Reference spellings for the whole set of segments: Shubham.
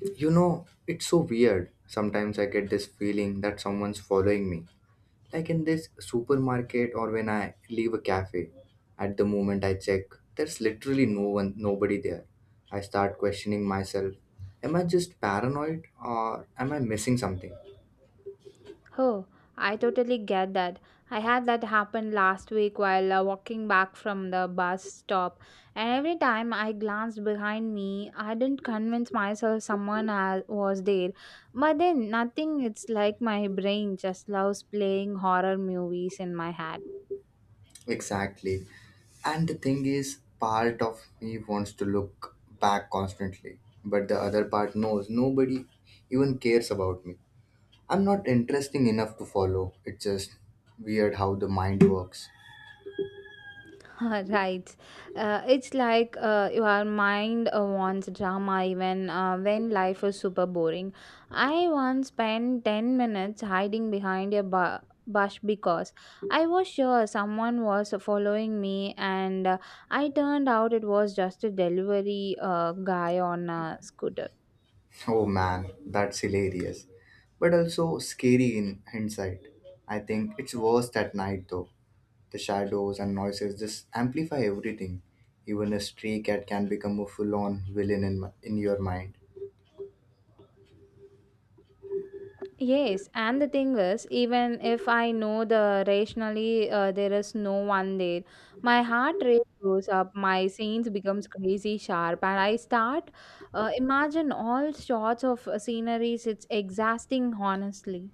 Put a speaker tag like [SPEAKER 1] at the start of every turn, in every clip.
[SPEAKER 1] You know, it's so weird. Sometimes I get this feeling that someone's following me, like in this supermarket or when I leave a cafe. At the moment I check, there's literally no one, nobody there. I start questioning myself. Am I just paranoid or am I missing something?
[SPEAKER 2] Oh, I totally get that. I had that happen last week while walking back from the bus stop, and every time I glanced behind me, I didn't convince myself someone else was there. But then, nothing, it's like my brain just loves playing horror movies in my head.
[SPEAKER 1] Exactly. And the thing is, part of me wants to look back constantly, but the other part knows nobody even cares about me. I'm not interesting enough to follow. It's just weird how the mind works.
[SPEAKER 2] Right. It's like your mind wants drama even when life is super boring. I once spent 10 minutes hiding behind a bush because I was sure someone was following me, and I turned out it was just a delivery guy on a scooter.
[SPEAKER 1] Oh man, that's hilarious. But also scary in hindsight. I think it's worst at night though. The shadows and noises just amplify everything. Even a stray cat can become a full on villain in, in your mind.
[SPEAKER 2] Yes, and the thing is, even if I know the rationally there is no one there, my heart rate goes up, my scenes becomes crazy sharp, and I start imagine all sorts of sceneries. It's exhausting, honestly.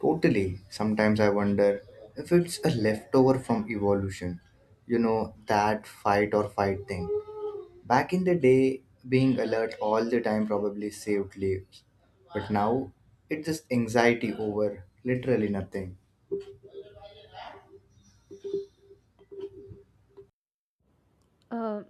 [SPEAKER 1] Totally. Sometimes I wonder if it's a leftover from evolution. You know, that fight or fight thing. Back in the day, being alert all the time probably saved lives. But now, it's just anxiety over literally nothing.
[SPEAKER 2] Uh,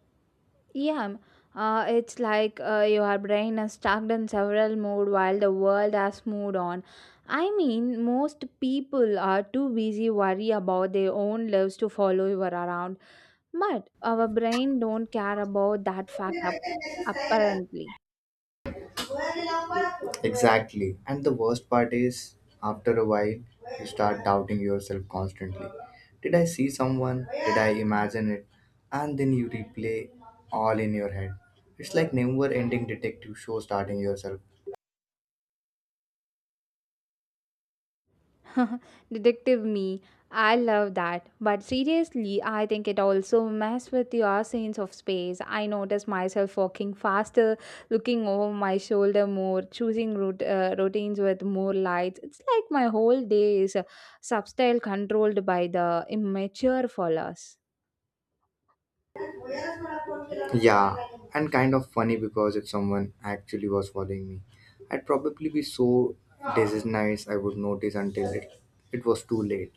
[SPEAKER 2] Yeah, it's like your brain is stuck in several mode while the world has moved on. I mean, most people are too busy worry about their own lives to follow you around, but our brain don't care about that fact apparently.
[SPEAKER 1] Exactly. And the worst part is, after a while, you start doubting yourself constantly. Did I see someone? Did I imagine it? And then you replay all in your head. It's like never ending detective show starting yourself.
[SPEAKER 2] Detective me. I love that. But seriously, I think it also messes with your sense of space. I notice myself walking faster, looking over my shoulder more, choosing routines with more lights. It's like my whole day is substyle controlled by the immature followers.
[SPEAKER 1] Yeah, and kind of funny because if someone actually was following me, I'd probably be so disorganized I would notice until it was too late.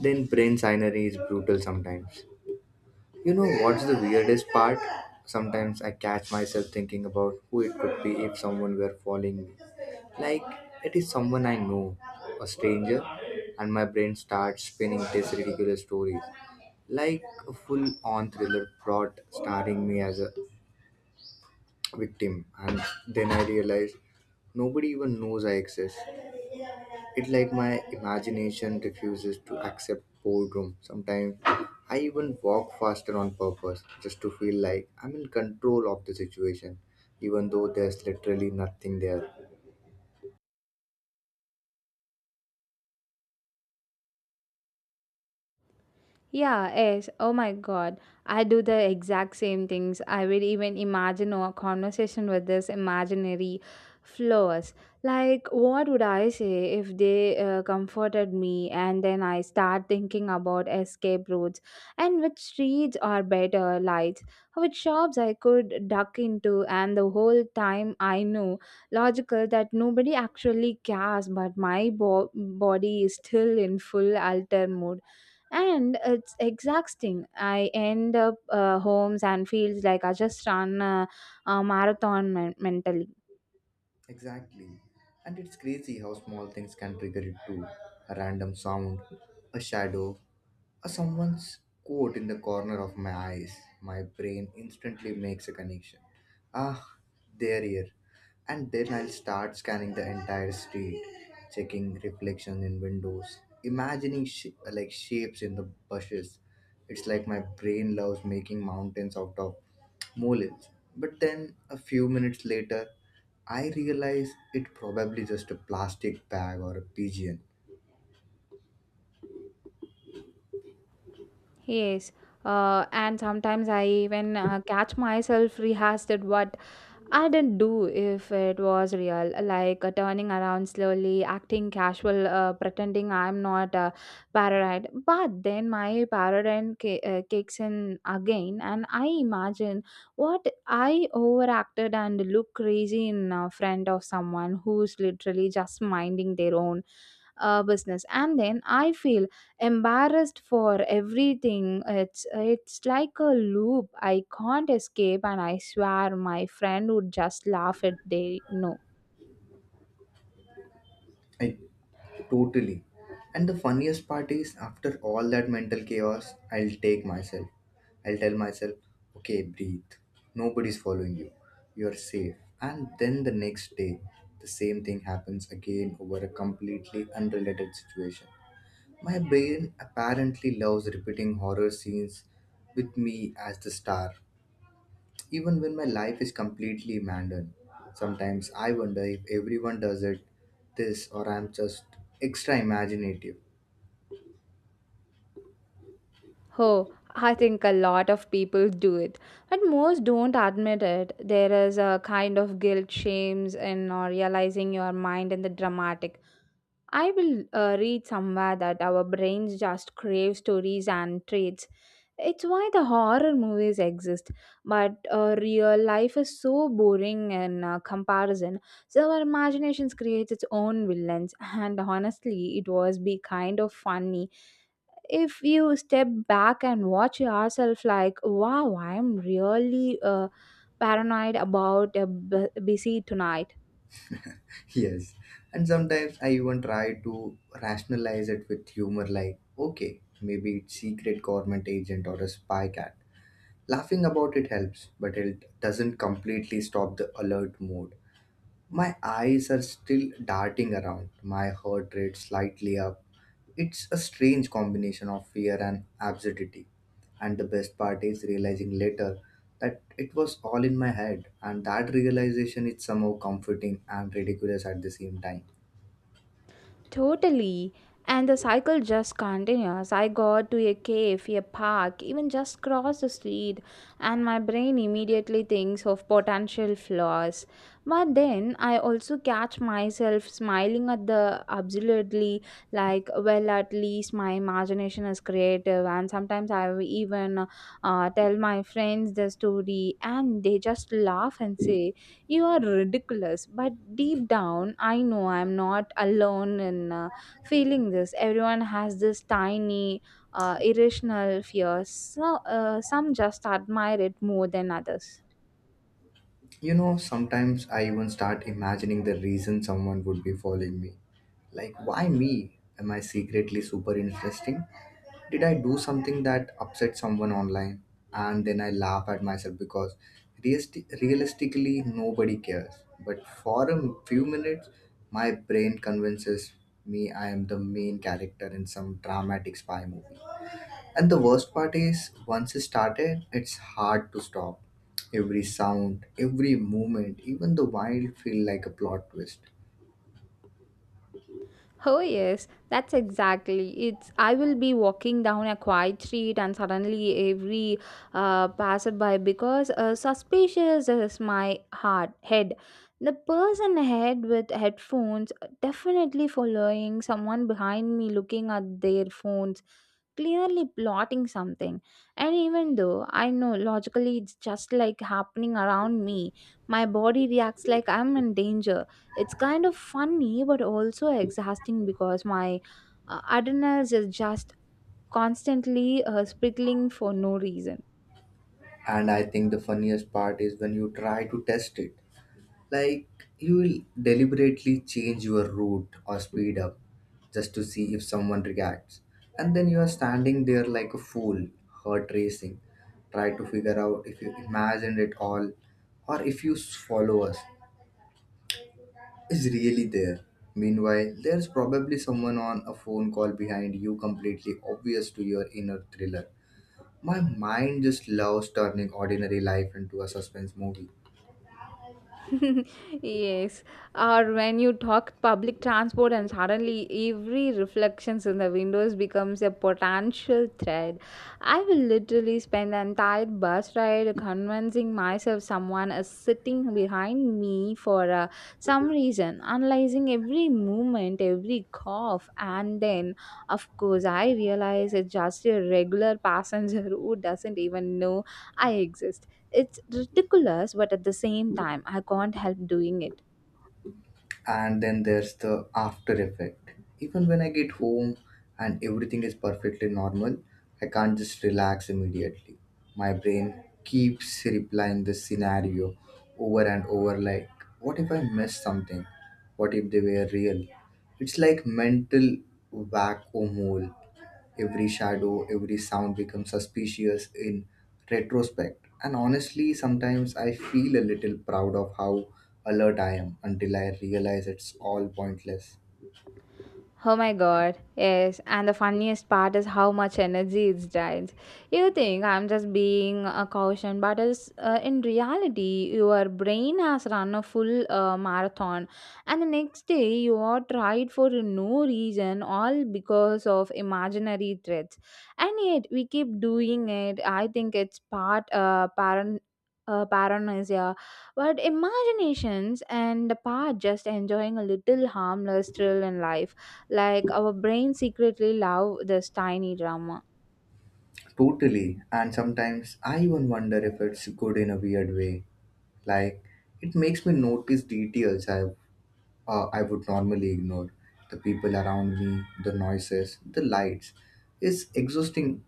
[SPEAKER 1] Then brain signery is brutal sometimes. You know what's the weirdest part? Sometimes I catch myself thinking about who it could be if someone were following me. Like it is someone I know, a stranger, and my brain starts spinning these ridiculous stories like a full on thriller plot starring me as a victim. And then I realized nobody even knows I exist. It's like my imagination refuses to accept boredom. Sometimes I even walk faster on purpose just to feel like I'm in control of the situation, even though there's literally nothing there.
[SPEAKER 2] Yeah, yes. Oh my God. I do the exact same things. I will even imagine a conversation with this imaginary flowers. Like, what would I say if they comforted me, and then I start thinking about escape routes and which streets are better lights, which shops I could duck into, and the whole time I know logical that nobody actually cares, but my body is still in full alter mode, and it's exhausting. I end up homes and feels like I just run a marathon mentally.
[SPEAKER 1] Exactly. And it's crazy how small things can trigger it too. A random sound, a shadow, someone's quote in the corner of my eyes. My brain instantly makes a connection. Ah, there here. And then I'll start scanning the entire street, checking reflections in windows, imagining like shapes in the bushes. It's like my brain loves making mountains out of molehills. But then a few minutes later, I realize it probably just a plastic bag or a pigeon.
[SPEAKER 2] Yes, and sometimes I even catch myself rehearsed what I didn't do if it was real, like turning around slowly, acting casual, pretending I'm not paranoid. But then my paranoid kicks in again, and I imagine what I overacted and look crazy in front of someone who's literally just minding their own business. And then I feel embarrassed for everything. It's like a loop I can't escape, and I swear my friend would just laugh at they no.
[SPEAKER 1] I totally. And the funniest part is, after all that mental chaos, I'll take myself. I'll tell myself, okay, breathe. Nobody's following you. You're safe. And then the next day, the same thing happens again over a completely unrelated situation. My brain apparently loves repeating horror scenes with me as the star. Even when my life is completely mandarin, sometimes I wonder if everyone does it this or I'm just extra imaginative.
[SPEAKER 2] Oh, I think a lot of people do it, but most don't admit it. There is a kind of guilt shames in or realizing your mind in the dramatic. I will read somewhere that our brains just crave stories and traits. It's why the horror movies exist, but real life is so boring in comparison. So our imaginations creates its own villains, and honestly, it was be kind of funny if you step back and watch yourself. Like, wow, I'm really paranoid about a busy tonight.
[SPEAKER 1] Yes, and sometimes I even try to rationalize it with humor like, okay, maybe it's secret government agent or a spy cat. Laughing about it helps, but it doesn't completely stop the alert mode. My eyes are still darting around, my heart rate slightly up. It's a strange combination of fear and absurdity. And the best part is realizing later that it was all in my head, and that realization is somehow comforting and ridiculous at the same time.
[SPEAKER 2] Totally. And the cycle just continues. I got to a cave, a park, even just cross the street, and my brain immediately thinks of potential flaws. But then I also catch myself smiling at the absurdly, like, well, at least my imagination is creative. And sometimes I will even tell my friends the story, and they just laugh and
[SPEAKER 1] You
[SPEAKER 2] say, you are ridiculous. But deep down I know I'm not alone in feeling this. Everyone has this tiny irrational fears, so, some just admire it more than others.
[SPEAKER 1] know, sometimes I even start imagining the reason someone would be following me. Like, why me? Am I secretly super interesting? Did I do something that upset someone online? And then I laugh at myself because realistically nobody cares. But for a few minutes, my brain convinces me I am the main character in some dramatic spy movie. And the worst part is, once it started, it's hard to stop. Every sound, every movement, even the wild feel like a plot twist.
[SPEAKER 2] Oh, yes, that's exactly. It's I will be walking down a quiet street, and suddenly every passerby because suspicious is my heart head. The person ahead with headphones definitely following, someone behind me looking at their phones clearly plotting something. And even though I know logically it's just like happening around me, my body reacts like I'm in danger. It's kind of funny but also exhausting because my adrenals is just constantly sprinkling for no reason.
[SPEAKER 1] And I think the funniest part is when you try to test it. Like you will deliberately change your route or speed up just to see if someone reacts. And then you are standing there like a fool, heart racing, try to figure out if you imagined it all or if you follow us is really there. Meanwhile, there's probably someone on a phone call behind you, completely obvious to your inner thriller. My mind just loves turning ordinary life into a suspense movie.
[SPEAKER 2] Yes, or when you talk public transport and suddenly every reflections in the windows becomes a potential threat. I will literally spend the entire bus ride convincing myself someone is sitting behind me for some reason, analyzing every movement, every cough. And then, of course, I realize it's just a regular passenger who doesn't even know I exist. It's ridiculous, but at the same time, I can't help doing it.
[SPEAKER 1] And then there's the after effect. Even when I get home and everything is perfectly normal, I can't just relax immediately. My brain keeps replying the scenario over and over, like what if I missed something, what if they were real. It's like mental vacuum hole. Every shadow, every sound becomes suspicious in retrospect. And honestly, sometimes I feel a little proud of how alert I am until I realize it's all pointless.
[SPEAKER 2] Oh my god, yes. And the funniest part is how much energy it drains. You think I'm just being a caution, but is in reality, your brain has run a full marathon, and the next day you are tired for no reason, all because of imaginary threats. And yet we keep doing it. I think it's part parent. Paranoia, but imaginations and the part just enjoying a little harmless thrill in life, like our brain secretly love this tiny drama.
[SPEAKER 1] Totally. And sometimes I even wonder if it's good in a weird way. Like, it makes me notice details I would normally ignore. The people around me, the noises, the lights. It's exhausting.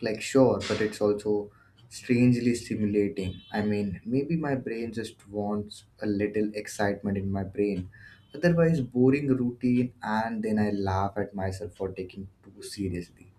[SPEAKER 1] Like, sure, but it's also strangely stimulating. I mean, maybe my brain just wants a little excitement in my brain. Otherwise, boring routine, and then I laugh at myself for taking too seriously.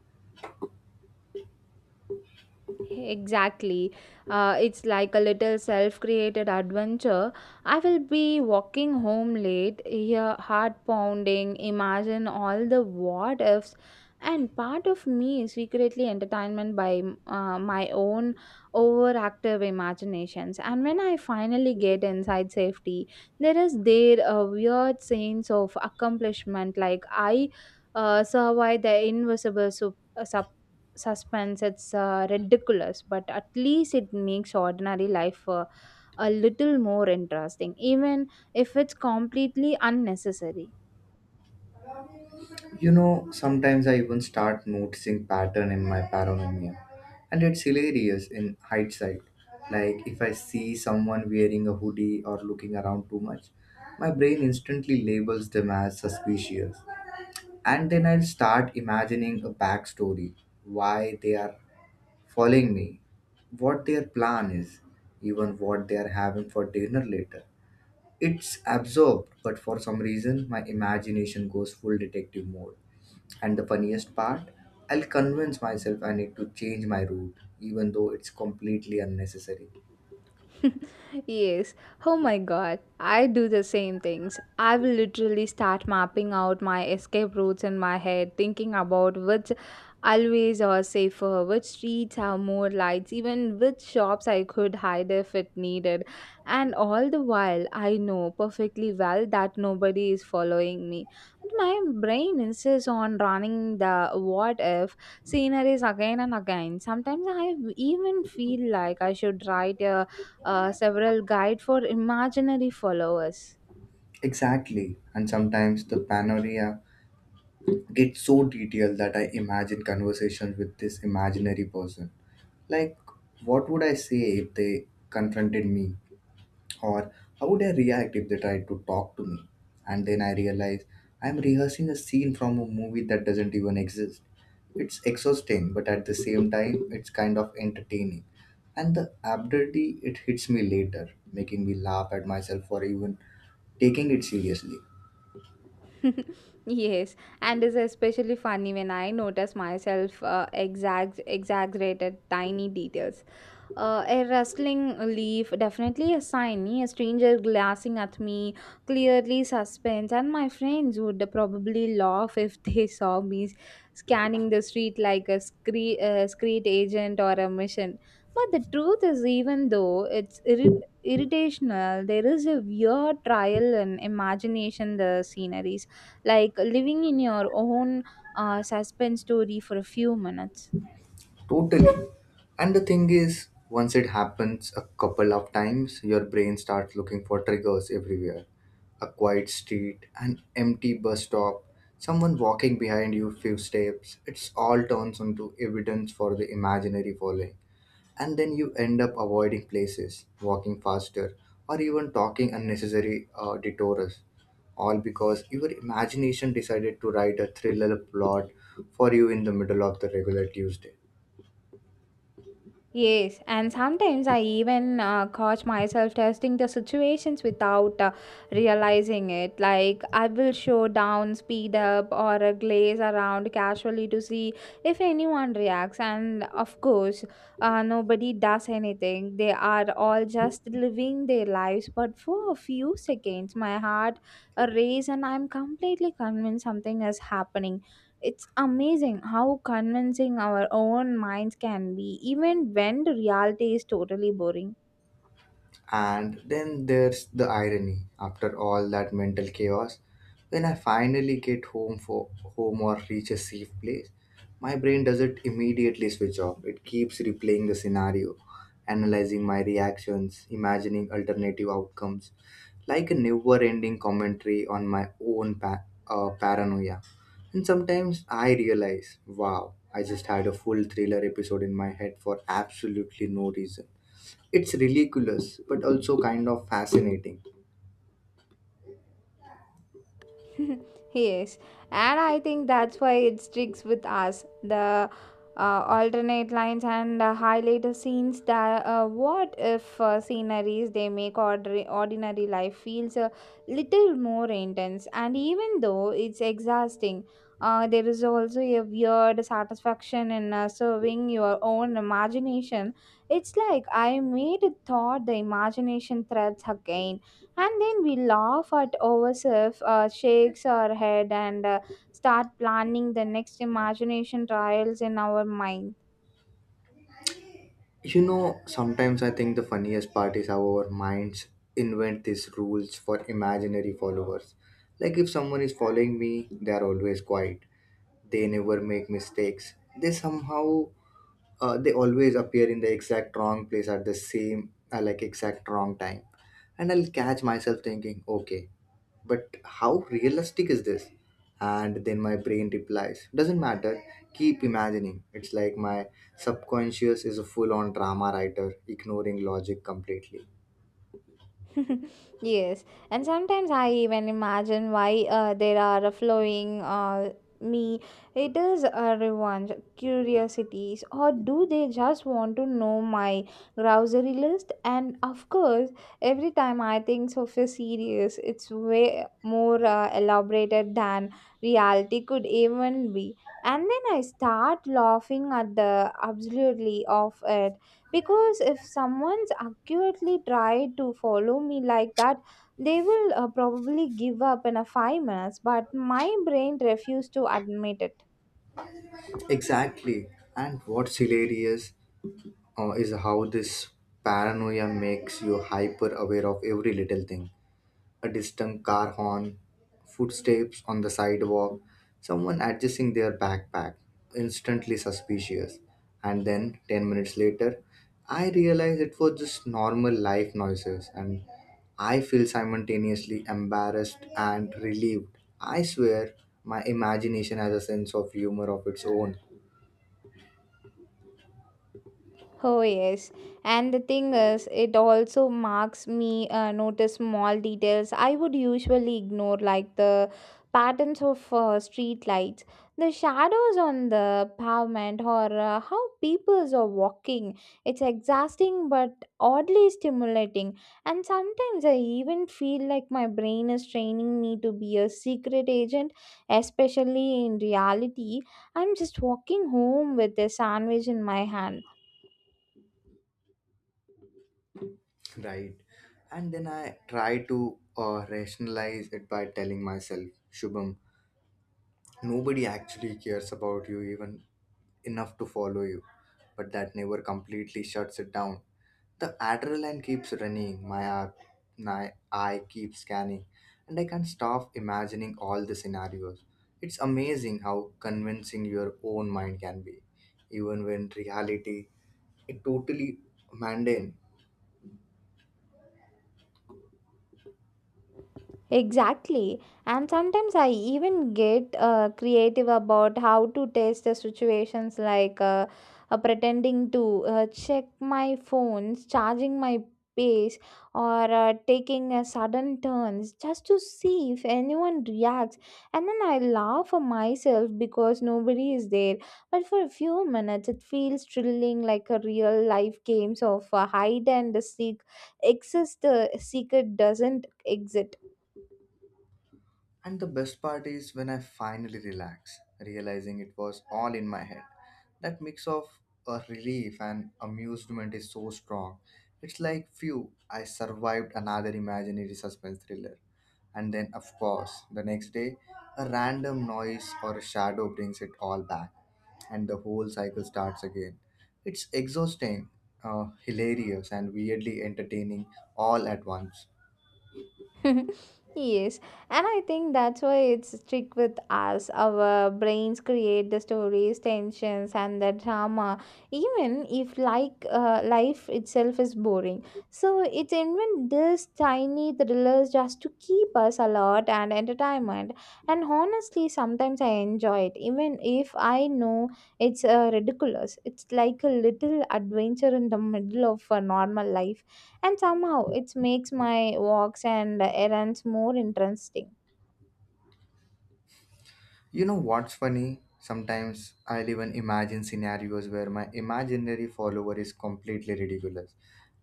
[SPEAKER 2] Exactly. It's like a little self created adventure. I will be walking home late, hear heart pounding, imagine all the what ifs. And part of me is secretly entertainment by my own overactive imaginations. And when I finally get inside safety, there is there a weird sense of accomplishment, like I survived the invisible suspense. It's ridiculous, but at least it makes ordinary life a little more interesting, even if it's completely unnecessary.
[SPEAKER 1] You know, sometimes I even start noticing pattern in my paranoia, and it's hilarious in hindsight. Like if I see someone wearing a hoodie or looking around too much, my brain instantly labels them as suspicious. And then I'll start imagining a backstory why they are following me, what their plan is, even what they are having for dinner later. It's absorbed, but for some reason, my imagination goes full detective mode. And the funniest part, I'll convince myself I need to change my route, even though it's completely unnecessary.
[SPEAKER 2] Yes. Oh my god. I do the same things. I will literally start mapping out my escape routes in my head, thinking about which allways are safer, which streets have more lights, even which shops I could hide if it needed. And all the while, I know perfectly well that nobody is following me. My brain insists on running the what if sceneries again and again. Sometimes I even feel like I should write a several guide for imaginary followers.
[SPEAKER 1] Exactly, and sometimes the panorama gets so detailed that I imagine conversations with this imaginary person. Like, what would I say if they confronted me? Or how would I react if they tried to talk to me? And then I realize I'm rehearsing a scene from a movie that doesn't even exist. It's exhausting, but at the same time, it's kind of entertaining. And the absurdity, it hits me later, making me laugh at myself for even taking it seriously.
[SPEAKER 2] Yes, and it's especially funny when I notice myself exaggerated tiny details. A rustling leaf, definitely a sign, a stranger glancing at me, clearly suspense, and my friends would probably laugh if they saw me scanning the street like a street agent or a mission. But the truth is, even though it's irritational, there is a weird trial and imagination the sceneries, like living in your own suspense story for a few minutes.
[SPEAKER 1] Totally. And the thing is, once it happens a couple of times, your brain starts looking for triggers everywhere. A quiet street, an empty bus stop, someone walking behind you few steps. It's all turns into evidence for the imaginary following. And then you end up avoiding places, walking faster, or even talking unnecessary detours. All because your imagination decided to write a thriller plot for you in the middle of the regular Tuesday.
[SPEAKER 2] Yes, and sometimes I even catch myself testing the situations without realizing it. Like, I will show down, speed up, or glaze around casually to see if anyone reacts. And of course, nobody does anything. They are all just living their lives. But for a few seconds, my heart races, and I'm completely convinced something is happening. It's amazing how convincing our own minds can be, even when the reality is totally boring.
[SPEAKER 1] And then there's the irony after all that mental chaos. When I finally get home for home or reach a safe place, my brain doesn't immediately switch off. It keeps replaying the scenario, analyzing my reactions, imagining alternative outcomes, like a never-ending commentary on my own paranoia. And sometimes I realize, wow, I just had a full thriller episode in my head for absolutely no reason. It's ridiculous, but also kind of fascinating.
[SPEAKER 2] Yes, and I think that's why it sticks with us. The alternate lines and the highlighter scenes, that what if sceneries, they make ordinary life feels a little more intense. And even though it's exhausting, there is also a weird satisfaction in serving your own imagination. It's like I made a thought the imagination threads again, and then we laugh at ourselves, shakes our head, and start planning the next imagination trials in our mind.
[SPEAKER 1] You know, sometimes I think the funniest part is how our minds invent these rules for imaginary followers. Like, if someone is following me, they are always quiet, they never make mistakes, they somehow they always appear in the exact wrong place at the same like exact wrong time. And I'll catch myself thinking, okay, but how realistic is this? And then my brain replies, doesn't matter, keep imagining. It's like my subconscious is a full on drama writer, ignoring logic completely.
[SPEAKER 2] Yes, and sometimes I even imagine why there are a flowing me. It is a revenge, curiosities, or do they just want to know my grocery list? And of course, every time I think so for serious, it's way more elaborated than reality could even be. And then I start laughing at the absolutely of it, because if someone's accurately tried to follow me like that, they will probably give up in a 5 minutes, but my brain refused to admit it.
[SPEAKER 1] Exactly. And what's hilarious is how this paranoia makes you hyper aware of every little thing. A distant car horn, footsteps on the sidewalk, someone adjusting their backpack, instantly suspicious. And then, 10 minutes later, I realized it was just normal life noises, and I feel simultaneously embarrassed and relieved. I swear, my imagination has a sense of humor of its own.
[SPEAKER 2] Oh yes, and the thing is, it also marks me notice small details I would usually ignore, like the patterns of street lights, the shadows on the pavement, or how people are walking. It's exhausting but oddly stimulating, and sometimes I even feel like my brain is training me to be a secret agent, especially in reality. I'm just walking home with a sandwich in my hand.
[SPEAKER 1] Right. And then I try to rationalize it by telling myself, Shubham, nobody actually cares about you even enough to follow you, but that never completely shuts it down. The adrenaline keeps running, my eye keeps scanning, and I can't stop imagining all the scenarios. It's amazing how convincing your own mind can be, even when reality is totally mundane.
[SPEAKER 2] Exactly. And sometimes I even get creative about how to test the situations, like pretending to check my phones, charging my pace, or taking a sudden turns just to see if anyone reacts. And then I laugh for myself because nobody is there. But for a few minutes, it feels thrilling, like a real life games of hide and seek, exist, secret doesn't exit.
[SPEAKER 1] And the best part is when I finally relax, realizing it was all in my head. That mix of a relief and amusement is so strong. It's like, phew, I survived another imaginary suspense thriller. And then, of course, the next day, a random noise or a shadow brings it all back, and the whole cycle starts again. It's exhausting, hilarious, and weirdly entertaining all at once.
[SPEAKER 2] Yes, and I think that's why it's strict with us. Our brains create the stories, tensions, and the drama, even if like life itself is boring. So it's invent this tiny thrillers just to keep us alert and entertainment. And honestly, sometimes I enjoy it, even if I know it's ridiculous. It's like a little adventure in the middle of a normal life and somehow it makes my walks and errands more interesting.
[SPEAKER 1] You know what's funny? Sometimes I'll even imagine scenarios where my imaginary follower is completely ridiculous.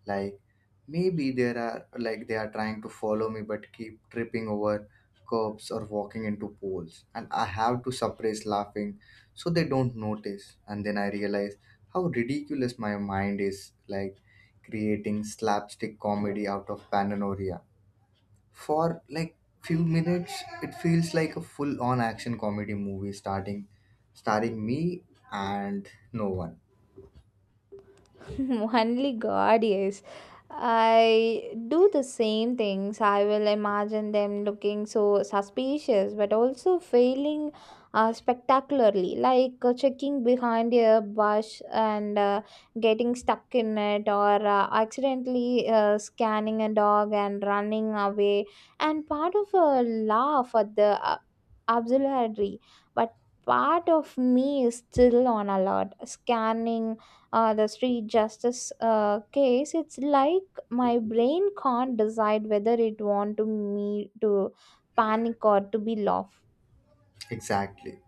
[SPEAKER 1] Like, maybe there are like they are trying to follow me but keep tripping over curbs or walking into poles, and I have to suppress laughing so they don't notice. And then I realize how ridiculous my mind is, creating slapstick comedy out of paranoia. For few minutes it feels like a full on action comedy movie starting starring me and no one.
[SPEAKER 2] Only god, yes, I do the same things. I will imagine them looking so suspicious, but also failing spectacularly, like checking behind a bush and getting stuck in it, or accidentally scanning a dog and running away. And part of a laugh at the absurdity, but part of me is still on alert, scanning the street justice case it's like my brain can't decide whether it want to me to panic or to be laugh.
[SPEAKER 1] Exactly.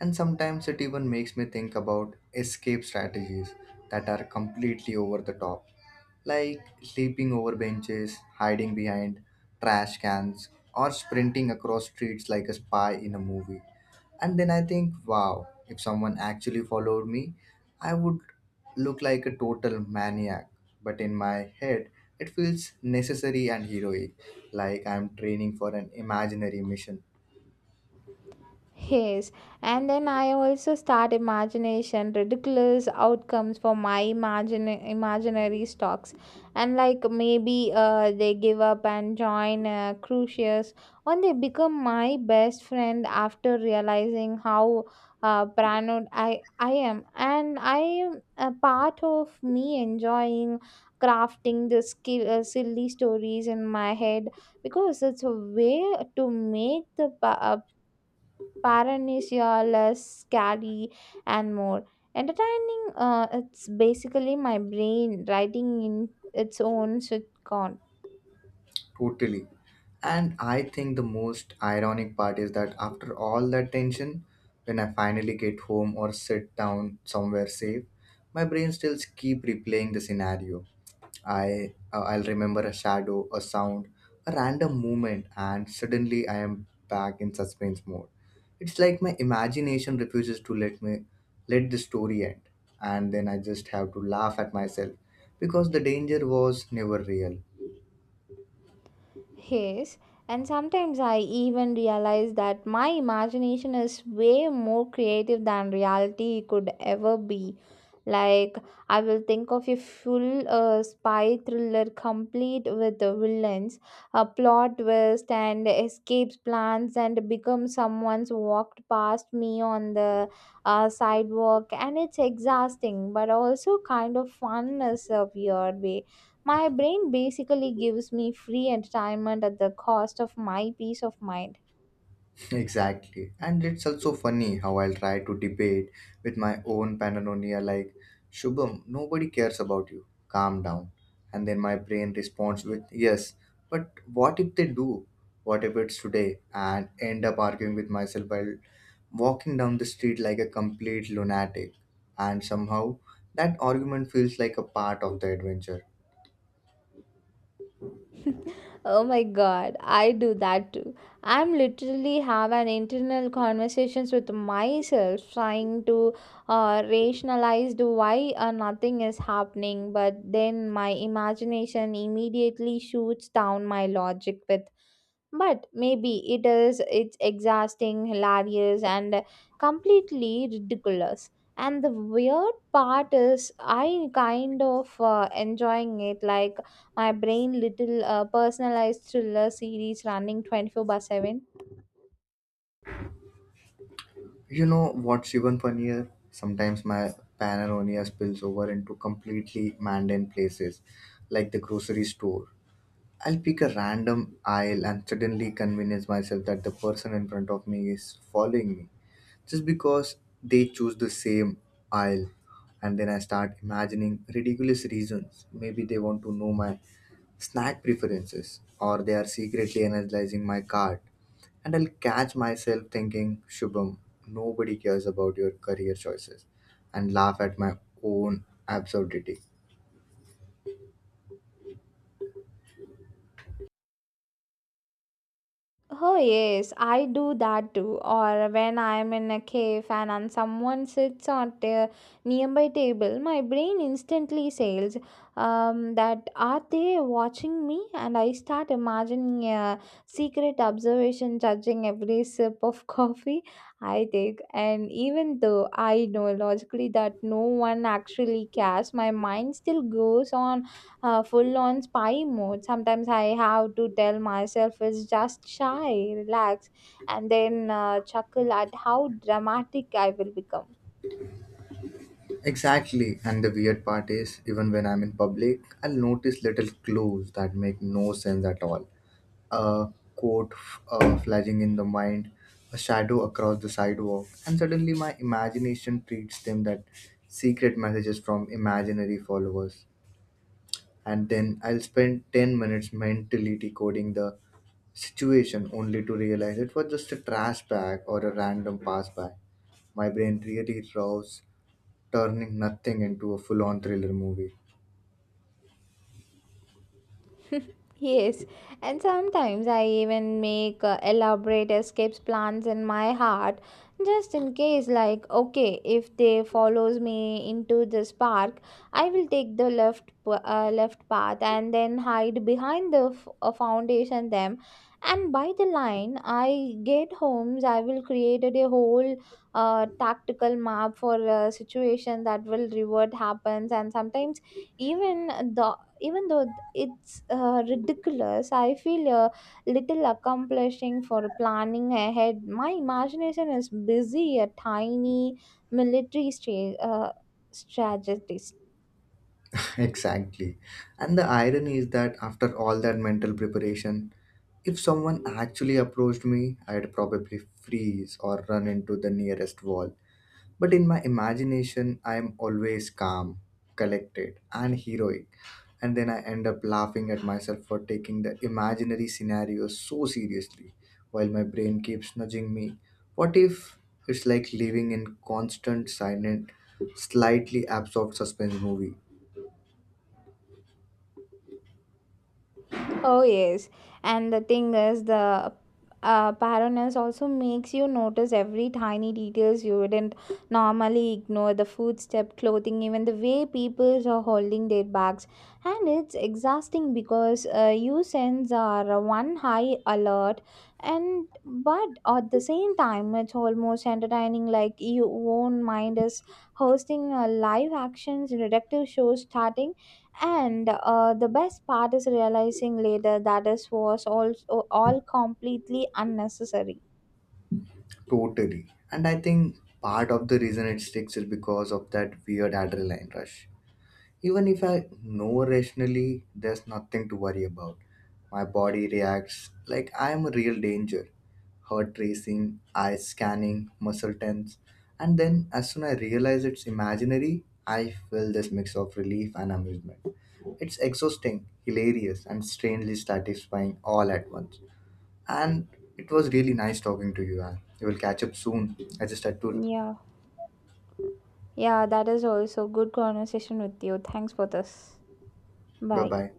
[SPEAKER 1] And sometimes it even makes me think about escape strategies that are completely over the top, like sleeping over benches, hiding behind trash cans, or sprinting across streets like a spy in a movie. And then I think, wow, if someone actually followed me, I would look like a total maniac. But in my head, it feels necessary and heroic, like I'm training for an imaginary mission.
[SPEAKER 2] Yes, and then I also start imagination ridiculous outcomes for my imagine imaginary stocks, and like maybe they give up and join crucius, or they become my best friend after realizing how paranoid I am, and I am a part of me enjoying crafting the skill silly stories in my head because it's a way to make the Paranesia, less scary, and more entertaining. It's basically my brain writing in its own sitcom.
[SPEAKER 1] Totally. And I think the most ironic part is that after all that tension, when I finally get home or sit down somewhere safe, my brain still keep replaying the scenario. I'll remember a shadow, a sound, a random movement, and suddenly I am back in suspense mode. It's like my imagination refuses to let me let the story end, and then I just have to laugh at myself because the danger was never real.
[SPEAKER 2] Yes, and sometimes I even realize that my imagination is way more creative than reality could ever be. Like, I will think of a full spy thriller complete with the villains, a plot twist, and escapes plans, and become someone's walked past me on the sidewalk. And it's exhausting, but also kind of fun is a weird way my brain basically gives me free entertainment at the cost of my peace of mind.
[SPEAKER 1] Exactly. And it's also funny how I'll try to debate with my own paranoia, like, Shubham, nobody cares about you. Calm down. And then my brain responds with, yes, but what if they do? What if it's today? And end up arguing with myself while walking down the street like a complete lunatic. And somehow, that argument feels like a part of the adventure.
[SPEAKER 2] Oh my god, I do that too. I'm literally have an internal conversations with myself trying to rationalize the why nothing is happening, but then my imagination immediately shoots down my logic with but maybe it is it's Exhausting, hilarious, and completely ridiculous. And the weird part is I kind of enjoying it, like my brain little personalized thriller series running 24 by 7.
[SPEAKER 1] You know what's even funnier? Sometimes my paranoia spills over into completely mundane places, like the grocery store. I'll pick a random aisle and suddenly convince myself that the person in front of me is following me just because they choose the same aisle. And then I start imagining ridiculous reasons. Maybe they want to know my snack preferences, or they are secretly analyzing my cart, and I'll catch myself thinking, Shubham, nobody cares about your career choices, and laugh at my own absurdity.
[SPEAKER 2] Oh yes, I do that too. Or when I'm in a cave and someone sits on a nearby table, my brain instantly says, that are they watching me? And I start imagining a secret observation judging every sip of coffee I take. And even though I know logically that no one actually cares, my mind still goes on full on spy mode. Sometimes I have to tell myself it's just shy, relax, and then chuckle at how dramatic I will become.
[SPEAKER 1] Exactly, and the weird part is, even when I'm in public, I'll notice little clues that make no sense at all. A quote flashing in the mind, a shadow across the sidewalk, and suddenly my imagination treats them that secret messages from imaginary followers. And then I'll spend 10 minutes mentally decoding the situation only to realize it was just a trash bag or a random pass by. My brain really rows, turning nothing into a full on thriller movie.
[SPEAKER 2] Yes, and sometimes I even make elaborate escapes plans in my heart, just in case, like, okay, if they follows me into this park I will take the left path and then hide behind the foundation them, and by the line I get homes I will created a whole tactical map for a situation that will revert happens. And sometimes even the even though th- it's ridiculous, I feel a little accomplishing for planning ahead. My imagination is busy a tiny military stra- uh, strategist.
[SPEAKER 1] Exactly. And the irony is that after all that mental preparation, if someone actually approached me, I'd probably freeze or run into the nearest wall. But in my imagination, I am always calm, collected, and heroic. And then I end up laughing at myself for taking the imaginary scenario so seriously, while my brain keeps nudging me. What if? It's like living in constant, silent, slightly absorbed suspense movie?
[SPEAKER 2] Oh, yes. And the thing is, the paranoia also makes you notice every tiny details you wouldn't normally ignore: the footstep, clothing, even the way people are holding their bags. And it's exhausting because you sense are one high alert, and but at the same time, it's almost entertaining, like your own mind is hosting a live actions detective show starting, and the best part is realizing later that this was also all completely unnecessary.
[SPEAKER 1] Totally. And I think part of the reason it sticks is because of that weird adrenaline rush. Even if I know rationally there's nothing to worry about, my body reacts like I am a real danger. Heart racing, eyes scanning, muscle tense. And then, as soon I realize it's imaginary, I feel this mix of relief and amusement. It's exhausting, hilarious, and strangely satisfying all at once. And it was really nice talking to you, Anne. We will catch up soon. I just had to.
[SPEAKER 2] Yeah. Yeah, that is also good conversation with you. Thanks for this.
[SPEAKER 1] Bye
[SPEAKER 2] Bye.
[SPEAKER 1] bye.